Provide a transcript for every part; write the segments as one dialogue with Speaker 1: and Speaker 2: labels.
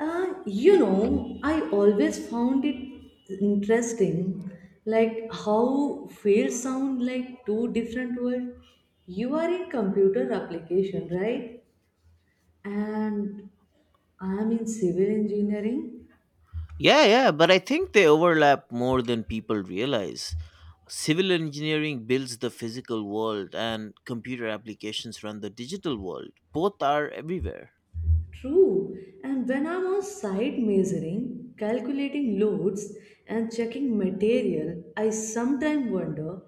Speaker 1: I always found it interesting, like how fields sound like two different words. You are in computer application, right? And I am in civil engineering.
Speaker 2: Yeah, yeah, but I think they overlap more than people realize. Civil engineering builds the physical world, and computer applications run the digital world. Both are everywhere.
Speaker 1: True, and when I'm on site measuring, calculating loads, and checking material, I sometimes wonder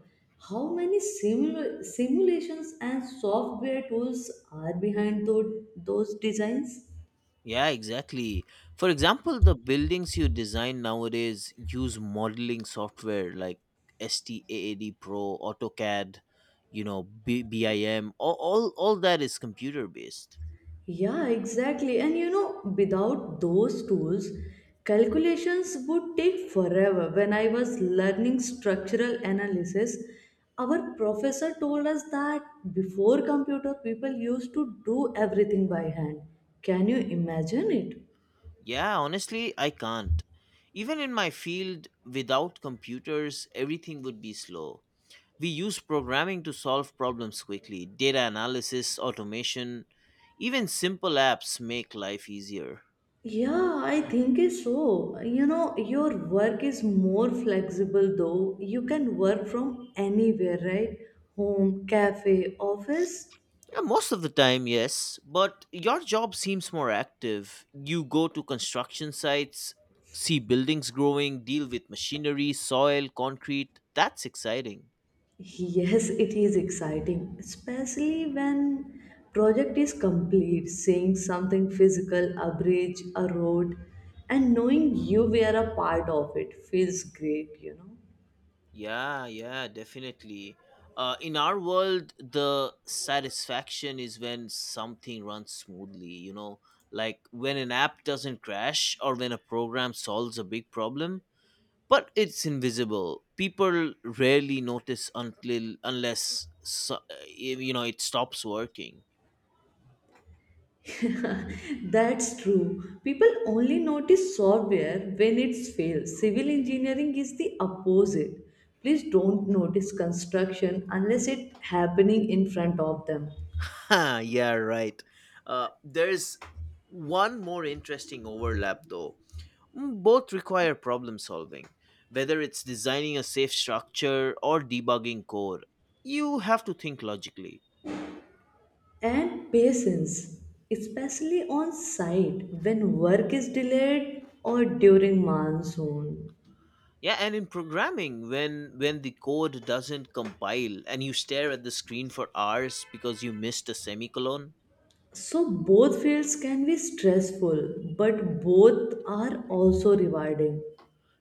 Speaker 1: how many simulations and software tools are behind those designs.
Speaker 2: Yeah, exactly. For example, the buildings you design nowadays use modeling software like STAAD Pro, AutoCAD, you know, BIM. All that is computer based.
Speaker 1: Yeah, exactly. And you know, without those tools, calculations would take forever. When I was learning structural analysis, our professor told us that before computer, people used to do everything by hand. Can you imagine it?
Speaker 2: Yeah, honestly, I can't. Even in my field, without computers, everything would be slow. We use programming to solve problems quickly, data analysis, automation, even simple apps make life easier.
Speaker 1: Yeah, I think is so. You know, your work is more flexible though. You can work from anywhere, right? Home, cafe, office.
Speaker 2: Yeah, most of the time, yes, but your job seems more active. You go to construction sites, see buildings growing, deal with machinery, soil, concrete. That's exciting.
Speaker 1: Yes, it is exciting, especially when project is complete, seeing something physical, a bridge, a road, and knowing you were a part of it feels great, you know.
Speaker 2: Yeah, yeah, definitely. In our world, the satisfaction is when something runs smoothly, like when an app doesn't crash or when a program solves a big problem, but it's invisible. People rarely notice until unless so, it stops working.
Speaker 1: That's true. People only notice software when it's failed. Civil engineering is the opposite. Please don't notice construction unless it happening in front of them.
Speaker 2: Huh, yeah, right. There's one more interesting overlap though. Both require problem solving. Whether it's designing a safe structure or debugging code, you have to think logically.
Speaker 1: And patience, especially on site when work is delayed or during monsoon.
Speaker 2: Yeah, and in programming, when the code doesn't compile and you stare at the screen for hours because you missed a semicolon.
Speaker 1: So, both fields can be stressful, but both are also rewarding.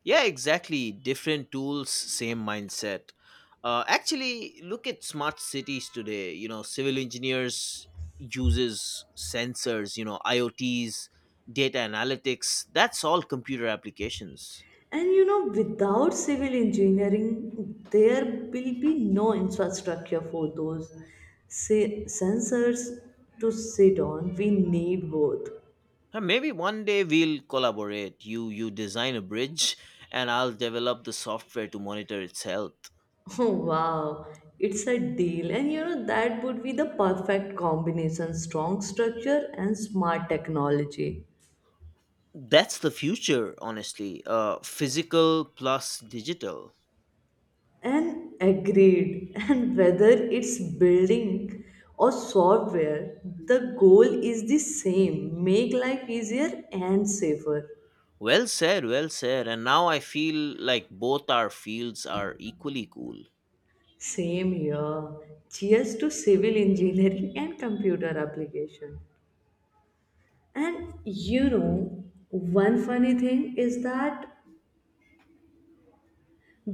Speaker 2: Yeah, exactly. Different tools, same mindset. Actually, look at smart cities today. You know, civil engineers uses sensors. You know, IoTs, data analytics. That's all computer applications.
Speaker 1: And you know, without civil engineering, there will be no infrastructure for those, say, sensors to sit on. We need both.
Speaker 2: Maybe one day we'll collaborate. You design a bridge, and I'll develop the software to monitor its health.
Speaker 1: Oh, wow, it's a deal. And you know, that would be the perfect combination strong structure and smart technology.
Speaker 2: That's the future, honestly. Physical plus digital.
Speaker 1: And agreed. And whether it's building or software, the goal is the same make life easier and safer.
Speaker 2: Well said, well said. And now I feel like both our fields are equally cool.
Speaker 1: Same here. Cheers to civil engineering and computer application. And you know, one funny thing is that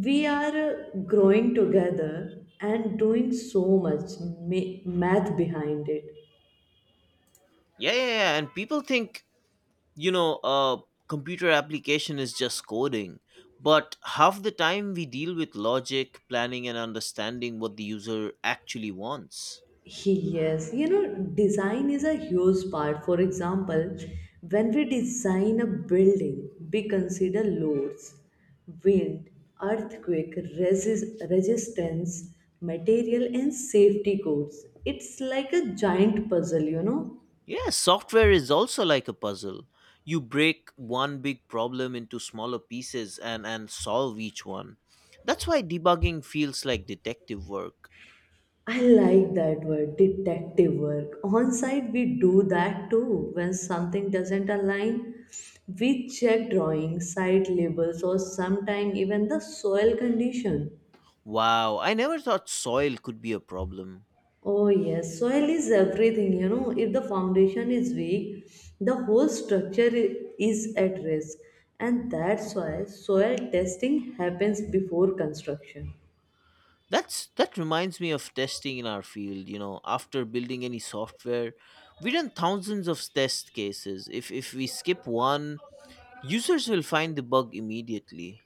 Speaker 1: we are growing together and doing so much math behind it.
Speaker 2: Yeah, yeah, yeah. And people think, you know, uh, computer application is just coding. But half the time we deal with logic, planning, and understanding what the user actually wants.
Speaker 1: Yes, you know, design is a huge part, for example, when we design a building we consider loads, wind, earthquake resistance, material and safety codes. It's like a giant puzzle, you know.
Speaker 2: Yeah, software is also like a puzzle. You break one big problem into smaller pieces and solve each one. That's why debugging feels like detective work.
Speaker 1: I like that word, detective work. On site, we do that too. When something doesn't align, we check drawings, site labels, or sometimes even the soil condition.
Speaker 2: Wow, I never thought soil could be a problem.
Speaker 1: Oh, yes, soil is everything. You know, if the foundation is weak, the whole structure is at risk. And that's why soil testing happens before construction.
Speaker 2: That reminds me of testing in our field, after building any software, we run thousands of test cases. If we skip one, users will find the bug immediately.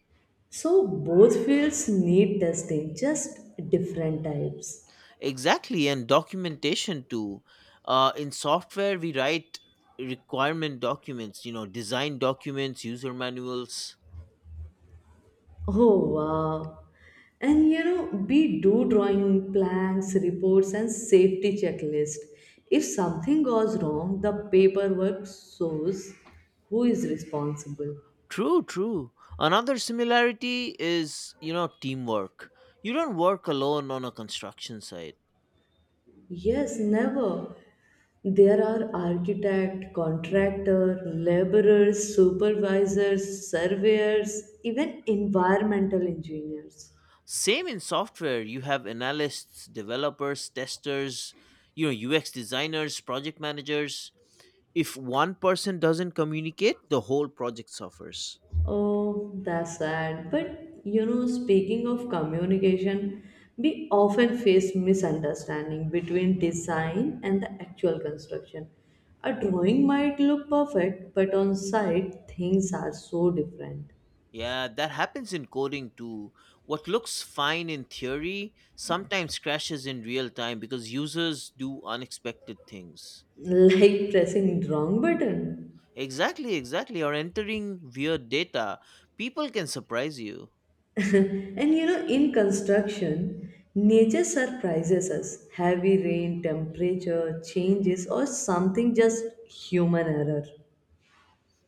Speaker 1: So, both fields need testing, just different types.
Speaker 2: Exactly, and documentation too. In software we write requirement documents, design documents, user manuals.
Speaker 1: Oh wow. And you know, we do drawing plans, reports, and safety checklist. If something goes wrong, the paperwork shows who is responsible.
Speaker 2: True, true. Another similarity is, teamwork. You don't work alone on a construction site.
Speaker 1: Yes, never. There are architect, contractor, laborers, supervisors, surveyors, even environmental engineers.
Speaker 2: Same in software, you have analysts, developers, testers, UX designers, project managers. If one person doesn't communicate, the whole project suffers.
Speaker 1: Oh, that's sad. But you know, speaking of communication, we often face misunderstanding between design and the actual construction. A drawing might look perfect, but on site, things are so different.
Speaker 2: Yeah, that happens in coding too. What looks fine in theory sometimes crashes in real time because users do unexpected things.
Speaker 1: Like pressing wrong button.
Speaker 2: Exactly, exactly. Or entering weird data. People can surprise you.
Speaker 1: And you know, in construction, nature surprises us. Heavy rain, temperature changes, or something just human error.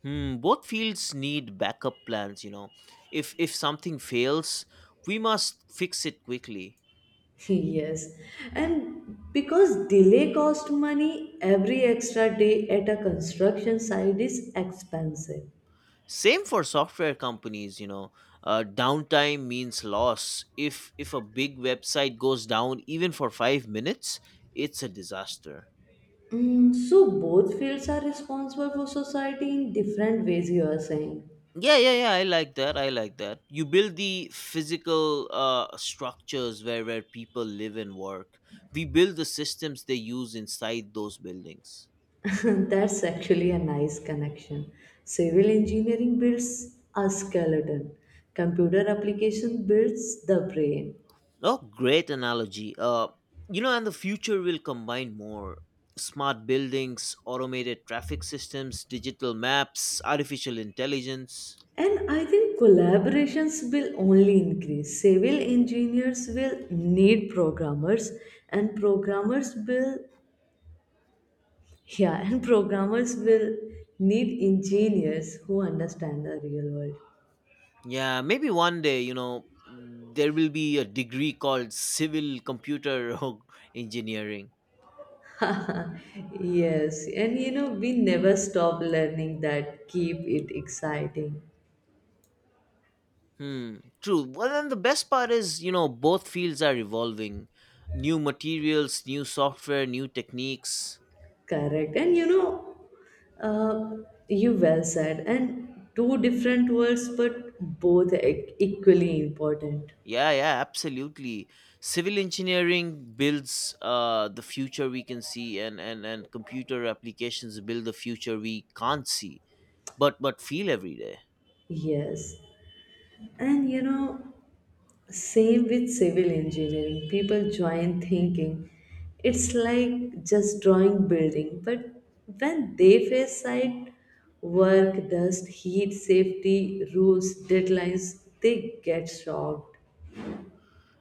Speaker 2: Hmm, both fields need backup plans. If something fails, we must fix it quickly.
Speaker 1: Yes, and because delay cost money, every extra day at a construction site is expensive.
Speaker 2: Same for software companies. Downtime means loss. If a big website goes down even for 5 minutes, it's a disaster.
Speaker 1: Mm, so both fields are responsible for society in different ways, you are saying.
Speaker 2: Yeah, yeah, yeah. I like that. I like that. You build the physical structures where people live and work. We build the systems they use inside those buildings.
Speaker 1: That's actually a nice connection. Civil engineering builds a skeleton. Computer application builds the brain.
Speaker 2: Oh, great analogy. And the future will combine more smart buildings, automated traffic systems, digital maps, artificial intelligence.
Speaker 1: And I think collaborations will only increase. Civil engineers will need programmers, and programmers will, yeah, and programmers will need engineers who understand the real world.
Speaker 2: Yeah, maybe one day, there will be a degree called civil computer engineering.
Speaker 1: Yes, and you know, we never stop learning that keep it exciting.
Speaker 2: Hmm, true. Well, then the best part is, both fields are evolving. New materials, new software, new techniques.
Speaker 1: Correct. And you know, uh, you well said, and two different words, but both equally important.
Speaker 2: Yeah, yeah, absolutely. Civil engineering builds the future we can see, and computer applications build the future we can't see, but feel every day.
Speaker 1: Yes, and you know, same with civil engineering. People join thinking it's like just drawing building, but when they face site work, dust, heat, safety, rules, deadlines, they get shocked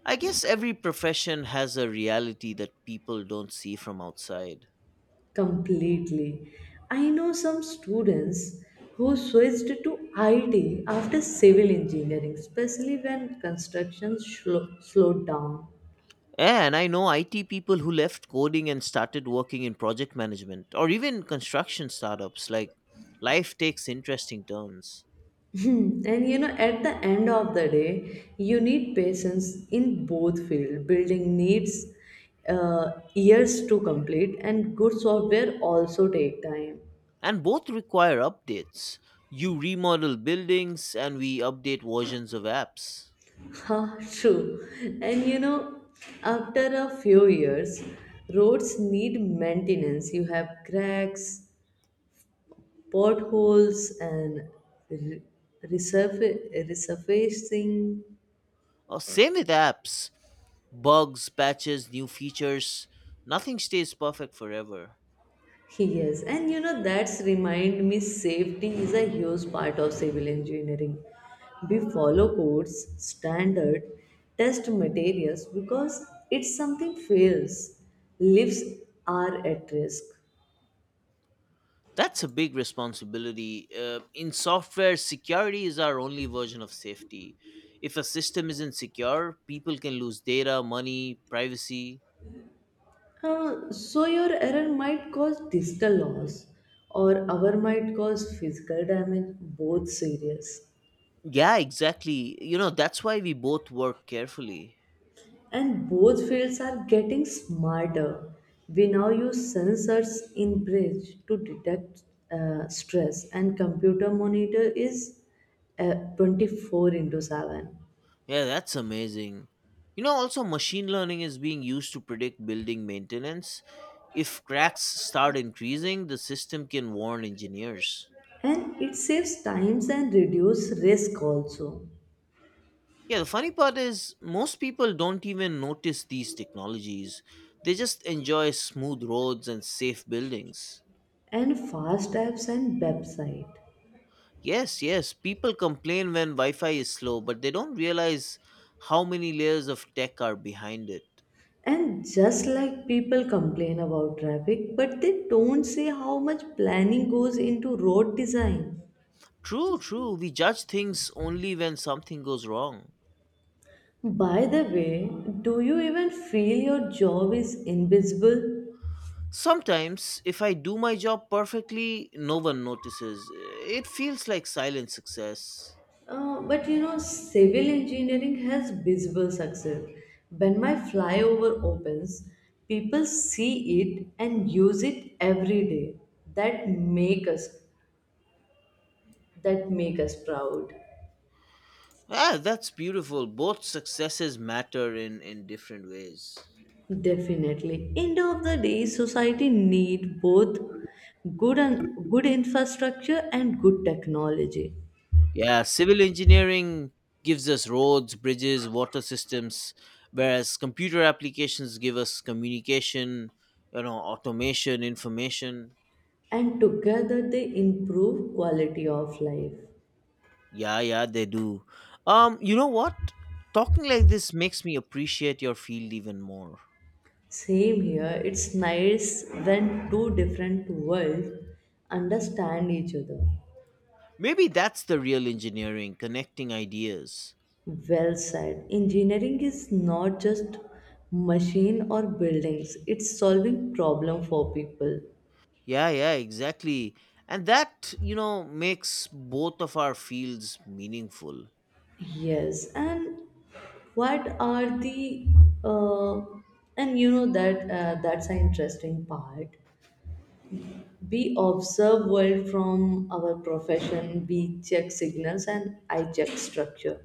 Speaker 2: I guess every profession has a reality that people don't see from outside.
Speaker 1: completely. I know some students who switched to IT after civil engineering, especially when construction slowed down.
Speaker 2: Yeah, and I know IT people who left coding and started working in project management or even construction startups. Like, life takes interesting turns.
Speaker 1: Hmm, and you know, at the end of the day, you need patience in both field. Building needs years to complete, and good software also take time.
Speaker 2: And both require updates. You remodel buildings, and we update versions of apps.
Speaker 1: Ha, true. And you know, after a few years, roads need maintenance. You have cracks, potholes, and re- resurfacing.
Speaker 2: Same with apps bugs, patches, new features. Nothing stays perfect forever.
Speaker 1: Yes, and you know that's remind me safety is a huge part of civil engineering. We follow codes, standard, test materials because if something fails, lives are at risk.
Speaker 2: That's a big responsibility. In software, security is our only version of safety. If a system isn't secure, people can lose data, money, privacy.
Speaker 1: So your error might cause digital loss or our might cause physical damage, both serious.
Speaker 2: Yeah, exactly. You know, that's why we both work carefully.
Speaker 1: And both fields are getting smarter. We now use sensors in bridge to detect stress, and computer monitor is 24 into 7.
Speaker 2: Yeah, that's amazing. You know, also, machine learning is being used to predict building maintenance. If cracks start increasing, the system can warn engineers.
Speaker 1: And it saves times and reduce risk also.
Speaker 2: Yeah, the funny part is most people don't even notice these technologies. They just enjoy smooth roads and safe buildings.
Speaker 1: And fast apps and website.
Speaker 2: Yes, yes, people complain when Wi Fi is slow, but they don't realize how many layers of tech are behind it.
Speaker 1: And just like people complain about traffic, but they don't say how much planning goes into road design.
Speaker 2: True, true, we judge things only when something goes wrong.
Speaker 1: By the way, do you even feel your job is invisible?
Speaker 2: Sometimes, if I do my job perfectly, no one notices. It feels like silent success.
Speaker 1: But you know, civil engineering has visible success. When my flyover opens, people see it and use it every day. That make us that make us proud.
Speaker 2: Ah, that's beautiful. Both successes matter in different ways.
Speaker 1: Definitely. End of the day, society need both good and good infrastructure and good technology.
Speaker 2: Yeah, civil engineering gives us roads, bridges, water systems, whereas computer applications give us communication, automation, information.
Speaker 1: And together they improve quality of life.
Speaker 2: Yeah, yeah, they do. You know what? Talking like this makes me appreciate your field even more.
Speaker 1: Same here, it's nice when two different worlds understand each other.
Speaker 2: Maybe that's the real engineering, connecting ideas.
Speaker 1: Well said, engineering is not just machine or buildings, it's solving problem for people.
Speaker 2: Yeah, yeah, exactly. And that makes both of our fields meaningful.
Speaker 1: Yes, and what are the uh, and you know that that's an interesting part. We observe world from our profession. We check signals and I check structure.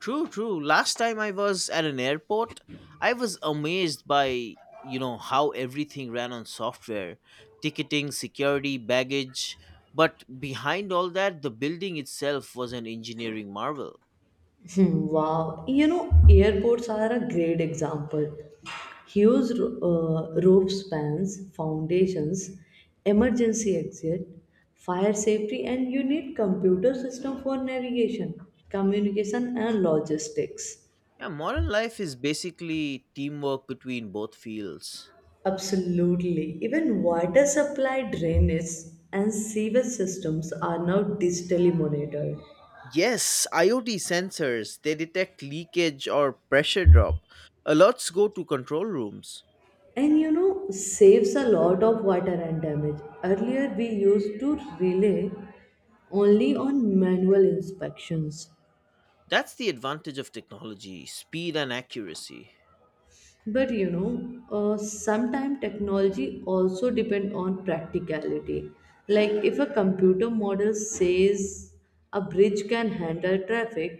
Speaker 2: True, true. Last time I was at an airport, I was amazed by, how everything ran on software ticketing, security, baggage. But behind all that, the building itself was an engineering marvel.
Speaker 1: Wow. You know, airports are a great example. Huge rope spans, foundations, emergency exit, fire safety, and you need computer system for navigation, communication, and logistics.
Speaker 2: Yeah, modern life is basically teamwork between both fields.
Speaker 1: Absolutely. Even water supply, drainage, and sewage systems are now digitally monitored.
Speaker 2: Yes, IoT sensors, they detect leakage or pressure drop. Alerts go to control rooms.
Speaker 1: And you know saves a lot of water and damage. Earlier we used to rely only on manual inspections.
Speaker 2: That's the advantage of technology, speed and accuracy.
Speaker 1: But you know, sometimes technology also depend on practicality. Like if a computer model says a bridge can handle traffic,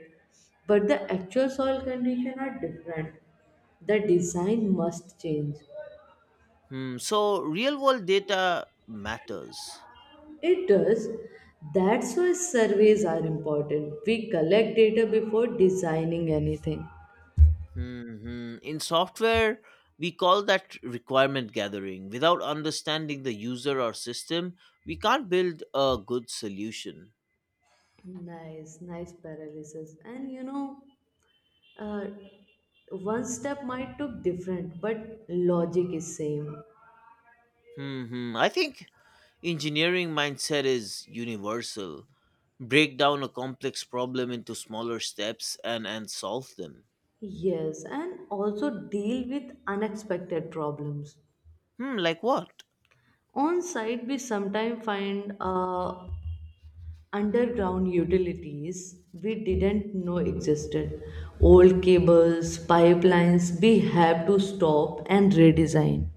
Speaker 1: but the actual soil condition are different, the design must change.
Speaker 2: Hmm, so real world data matters.
Speaker 1: It does. That's why surveys are important. We collect data before designing anything.
Speaker 2: In software, we call that requirement gathering. Without understanding the user or system, we can't build a good solution.
Speaker 1: Nice, nice paralysis. And you know, uh, one step might look different, but logic is same.
Speaker 2: I think engineering mindset is universal. Break down a complex problem into smaller steps and solve them.
Speaker 1: Yes, and also deal with unexpected problems.
Speaker 2: Hmm, like what?
Speaker 1: On site, we sometimes find underground utilities we didn't know existed. Old cables, pipelines, we have to stop and redesign.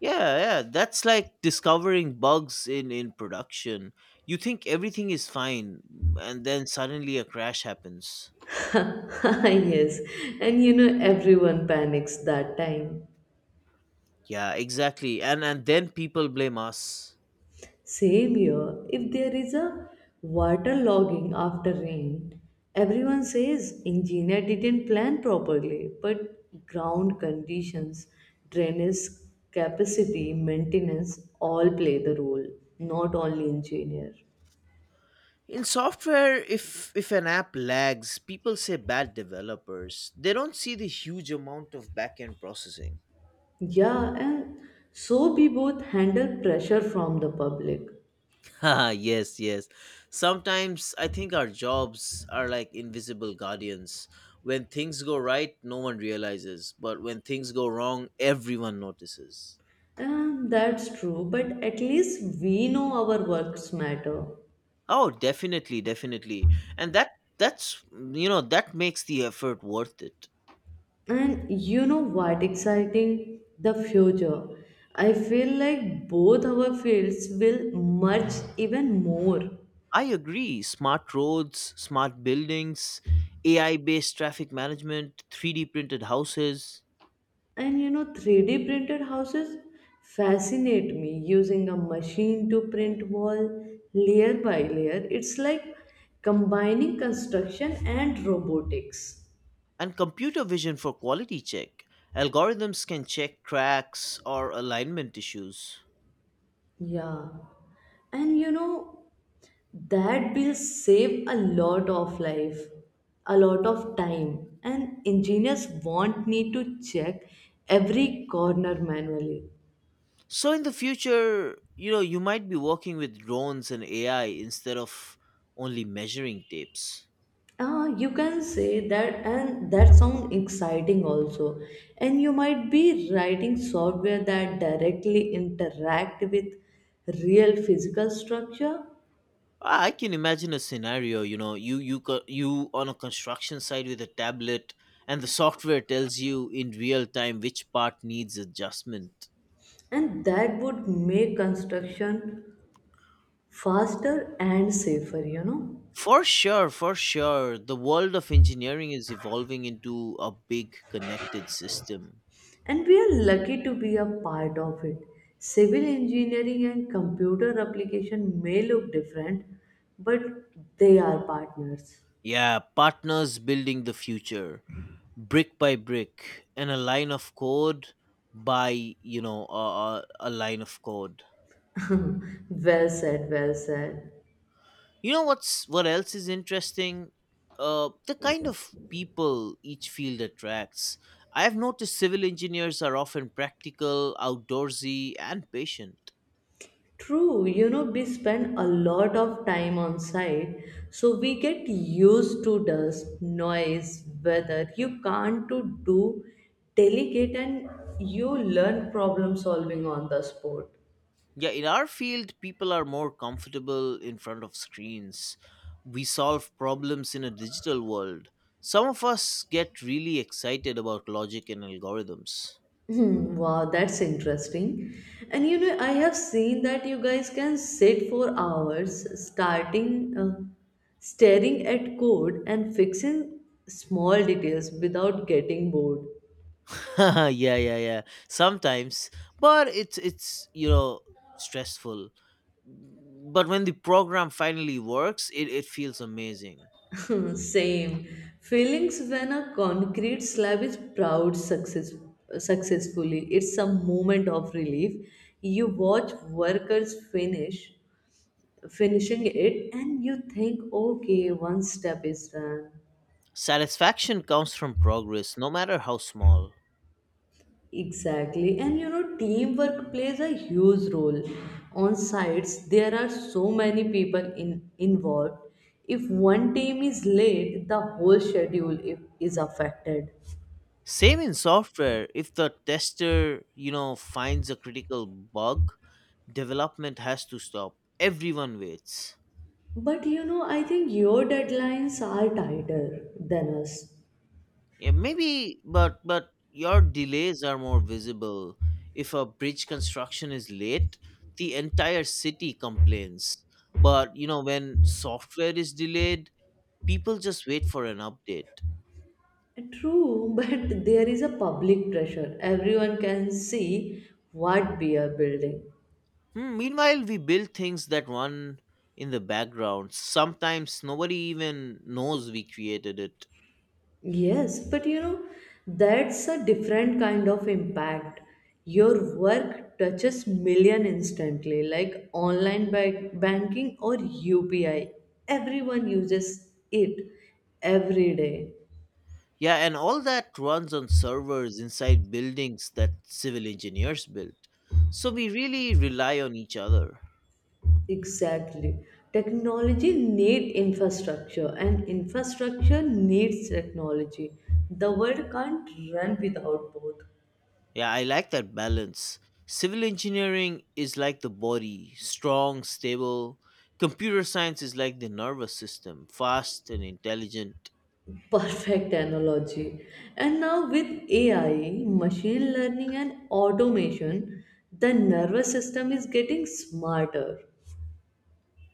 Speaker 2: Yeah, yeah, that's like discovering bugs in production. You think everything is fine and then suddenly a crash happens.
Speaker 1: Yes, and you know, everyone panics that time.
Speaker 2: Yeah, exactly. And then people blame us.
Speaker 1: Same here, if there is a water logging after rain, everyone says engineer didn't plan properly, but ground conditions, drainage capacity, maintenance all play the role, not only engineer.
Speaker 2: In software, if an app lags, people say bad developers. They don't see the huge amount of back-end processing.
Speaker 1: Yeah, and so we both handle pressure from the public.
Speaker 2: Haha, yes, yes. Sometimes I think our jobs are like invisible guardians. When things go right, no one realizes, but when things go wrong, everyone notices.
Speaker 1: And that's true, but at least we know our works matter.
Speaker 2: Oh, definitely, definitely. And that that's you know, that makes the effort worth it.
Speaker 1: And you know what exciting? The future. I feel like both our fields will merge even more.
Speaker 2: I agree. Smart roads, smart buildings, AI-based traffic management, 3D printed houses.
Speaker 1: And you know, 3D printed houses fascinate me using a machine to print wall layer by layer. It's like combining construction and robotics.
Speaker 2: And computer vision for quality check. Algorithms can check cracks or alignment issues.
Speaker 1: Yeah. And you know, that will save a lot of life, a lot of time. And engineers won't need to check every corner manually.
Speaker 2: So in the future, you might be working with drones and AI instead of only measuring tapes.
Speaker 1: You can say that, and that sounds exciting also. And you might be writing software that directly interact with real physical structure,
Speaker 2: I can imagine a scenario, you on a construction site with a tablet, and the software tells you in real time which part needs adjustment.
Speaker 1: and that would make construction faster and safer, you know.
Speaker 2: For sure, for sure. The world of engineering is evolving into a big connected system.
Speaker 1: And we are lucky to be a part of it. Civil engineering and computer application may look different, but they are partners.
Speaker 2: Yeah, partners building the future, brick by brick, and a line of code by a line of code.
Speaker 1: Well said, well said.
Speaker 2: You know what else is interesting? The kind of people each field attracts. I have noticed civil engineers are often practical, outdoorsy, and patient.
Speaker 1: True, you know, we spend a lot of time on site, so we get used to dust, noise, weather. You can't to do delegate and you learn problem solving on the spot.
Speaker 2: Yeah, in our field, people are more comfortable in front of screens. We solve problems in a digital world. Some of us get really excited about logic and algorithms.
Speaker 1: Hmm, wow, that's interesting. And you know, I have seen that you guys can sit for hours starting staring at code and fixing small details without getting bored.
Speaker 2: Yeah, yeah, yeah. Sometimes, but it's stressful. But when the program finally works, it feels amazing.
Speaker 1: Same feelings when a concrete slab is proud successfully. It's a moment of relief. You watch workers finishing it and you think, okay, one step is done.
Speaker 2: Satisfaction comes from progress, no matter how small.
Speaker 1: Exactly, and you know, teamwork plays a huge role. On sites, there are so many people involved. If one team is late, the whole schedule is affected.
Speaker 2: Same in software, if the tester, finds a critical bug, development has to stop. Everyone waits.
Speaker 1: But you know, I think your deadlines are tighter than us.
Speaker 2: Yeah, maybe, but your delays are more visible. If a bridge construction is late, the entire city complains. But, when software is delayed, people just wait for an update.
Speaker 1: True, but there is a public pressure. Everyone can see what we are building.
Speaker 2: Hmm, meanwhile, we build things that run in the background. Sometimes nobody even knows we created it.
Speaker 1: Yes, but you know, that's a different kind of impact. Your work touches million instantly, like online banking or UPI. Everyone uses it every day.
Speaker 2: Yeah, and all that runs on servers inside buildings that civil engineers built. So we really rely on each other.
Speaker 1: Exactly. Technology need infrastructure and infrastructure needs technology. The world can't run without both.
Speaker 2: Yeah, I like that balance. Civil engineering is like the body, strong, stable. Computer science is like the nervous system, fast and intelligent.
Speaker 1: Perfect analogy. And now, with AI, machine learning, and automation, the nervous system is getting smarter.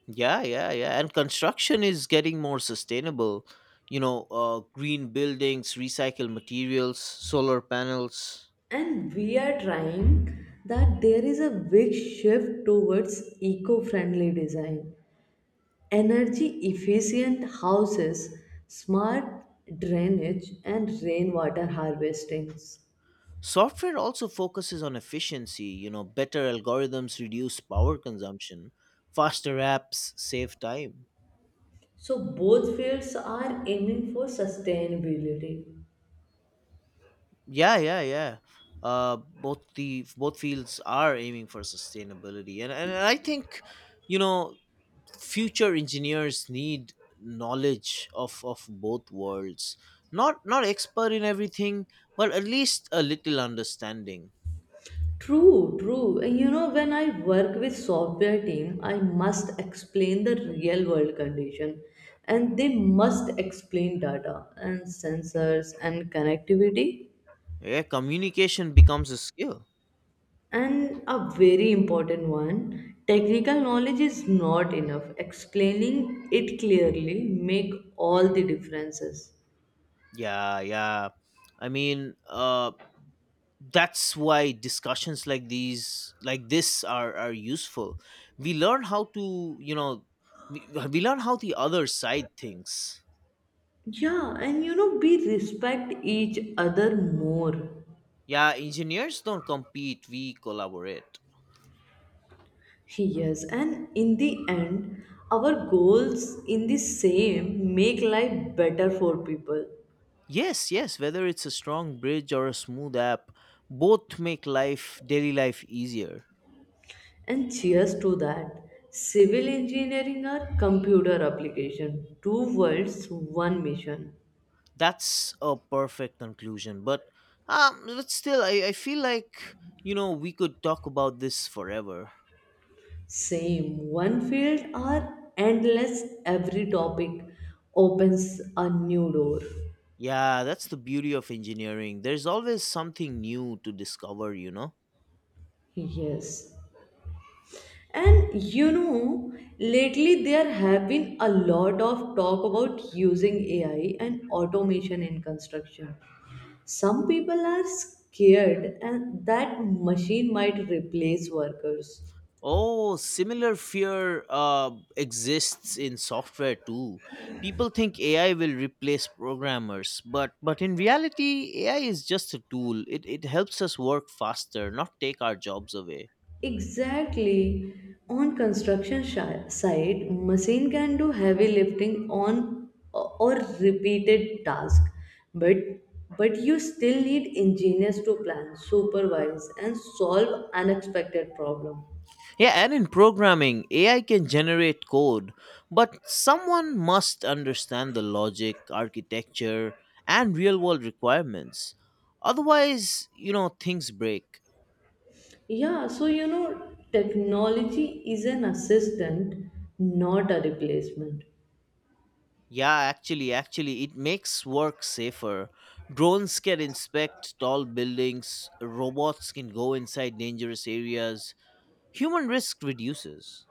Speaker 2: Yeah, yeah, yeah. And construction is getting more sustainable. You know, green buildings, recycled materials, solar panels.
Speaker 1: And we are trying that there is a big shift towards eco friendly design, energy efficient houses, smart drainage, and rainwater harvestings.
Speaker 2: Software also focuses on efficiency, better algorithms reduce power consumption, faster apps save time.
Speaker 1: So, both fields are aiming for sustainability.
Speaker 2: Yeah, yeah, yeah. Both fields are aiming for sustainability, and I think, you know, future engineers need knowledge of both worlds. Not expert in everything, but at least a little understanding.
Speaker 1: True, true. You know, when I work with software team, I must explain the real world condition and they must explain data and sensors and connectivity.
Speaker 2: Yeah, communication becomes a skill.
Speaker 1: And a very important one, technical knowledge is not enough. Explaining it clearly make all the differences.
Speaker 2: Yeah, yeah. I mean, that's why discussions like this are useful. We learn how to you know we learn how the other side thinks.
Speaker 1: Yeah, and you know, we respect each other more.
Speaker 2: Yeah, engineers don't compete. We collaborate.
Speaker 1: Yes, and in the end, our goals in the same make life better for people.
Speaker 2: Yes, yes, whether it's a strong bridge or a smooth app, both make life daily life easier.
Speaker 1: And cheers to that. Civil engineering or computer application, two worlds, one mission.
Speaker 2: That's a perfect conclusion. But still, I feel like we could talk about this forever.
Speaker 1: Same, one field or endless, every topic opens a new door.
Speaker 2: Yeah, that's the beauty of engineering. There's always something new to discover.
Speaker 1: Yes, and you know, lately there have been a lot of talk about using AI and automation in construction. Some people are scared and that machine might replace workers.
Speaker 2: Oh, similar fear exists in software too. People think AI will replace programmers, but in reality, AI is just a tool. It helps us work faster, not take our jobs away.
Speaker 1: Exactly. On construction site, machine can do heavy lifting on or repeated task, but but you still need engineers to plan, supervise, and solve unexpected problem.
Speaker 2: Yeah, and in programming, AI can generate code, but someone must understand the logic, architecture, and real world requirements. Otherwise, things break.
Speaker 1: Yeah, so you know, technology is an assistant, not a replacement.
Speaker 2: Yeah, actually, it makes work safer. Drones can inspect tall buildings, robots can go inside dangerous areas. Human risk reduces.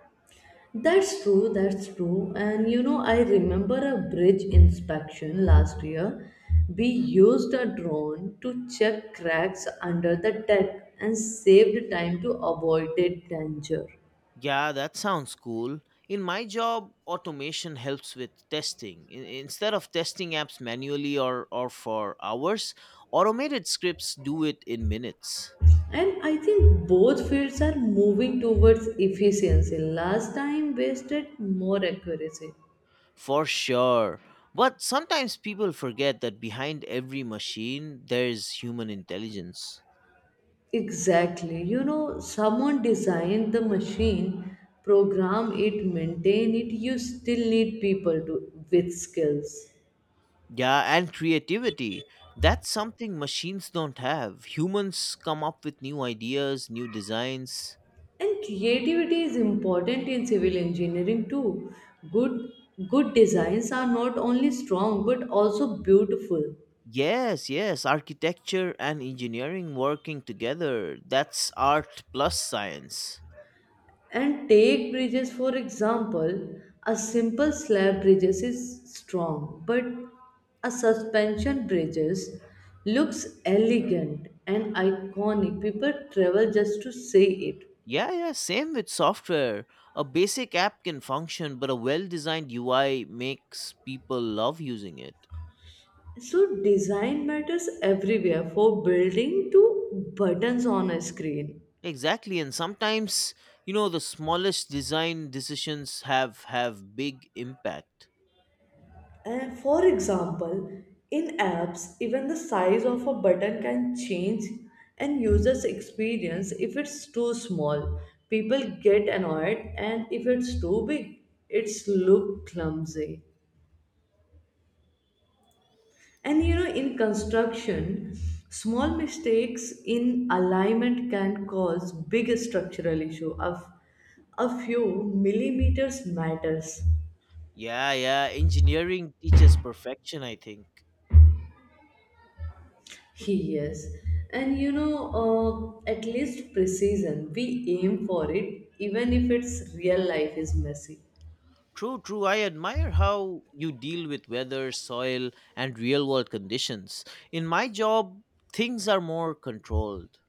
Speaker 1: That's true, that's true. And you know, I remember a bridge inspection last year. We used a drone to check cracks under the deck and saved time to avoid a danger.
Speaker 2: Yeah, that sounds cool. In my job, automation helps with testing. Instead of testing apps manually or for hours, automated scripts do it in minutes.
Speaker 1: And I think both fields are moving towards efficiency. Last time wasted more accuracy.
Speaker 2: For sure. But sometimes people forget that behind every machine, there's human intelligence.
Speaker 1: Exactly. You know, someone designed the machine, program it, maintain it. You still need people to with skills.
Speaker 2: Yeah, and creativity. That's something machines don't have. Humans come up with new ideas, new designs.
Speaker 1: And creativity is important in civil engineering too. Good good designs are not only strong but also beautiful.
Speaker 2: Yes, yes, architecture and engineering working together. That's art plus science.
Speaker 1: And take bridges for example, a simple slab bridges is strong, but a suspension bridges looks elegant and iconic. People travel just to see it.
Speaker 2: Yeah, yeah, same with software. A basic app can function, but a well designed UI makes people love using it.
Speaker 1: So design matters everywhere for building to buttons on a screen.
Speaker 2: Exactly, and sometimes, the smallest design decisions have big impact.
Speaker 1: And for example, in apps, even the size of a button can change and users experience if it's too small. People get annoyed and if it's too big, it's look clumsy. And you know, in construction, small mistakes in alignment can cause big structural issue of a few millimeters matters.
Speaker 2: Yeah, yeah, engineering teaches perfection, I think.
Speaker 1: Yes, and you know, at least precision, we aim for it, even if its real life is messy.
Speaker 2: True, true. I admire how you deal with weather, soil, and real world conditions. In my job, things are more controlled.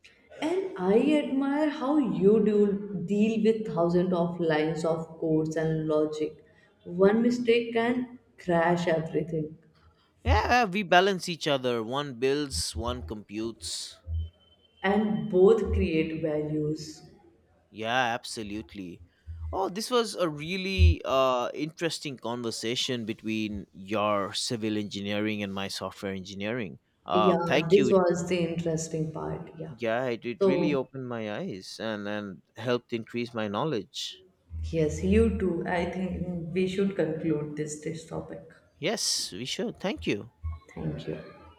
Speaker 1: And I admire how you do deal with thousands of lines of codes and logic. One mistake can crash everything,
Speaker 2: Yeah, yeah, we balance each other. One builds, one computes.
Speaker 1: and both create values.
Speaker 2: Yeah, absolutely. Oh, this was a really interesting conversation between your civil engineering and my software engineering. Uh,
Speaker 1: Yeah,
Speaker 2: thank
Speaker 1: this
Speaker 2: you.
Speaker 1: was the interesting part. Yeah.
Speaker 2: Yeah, it really
Speaker 1: So,
Speaker 2: opened my eyes and helped increase my knowledge.
Speaker 1: yes, you too. I think we should conclude this topic.
Speaker 2: Yes, we should. Thank you.
Speaker 1: Thank you.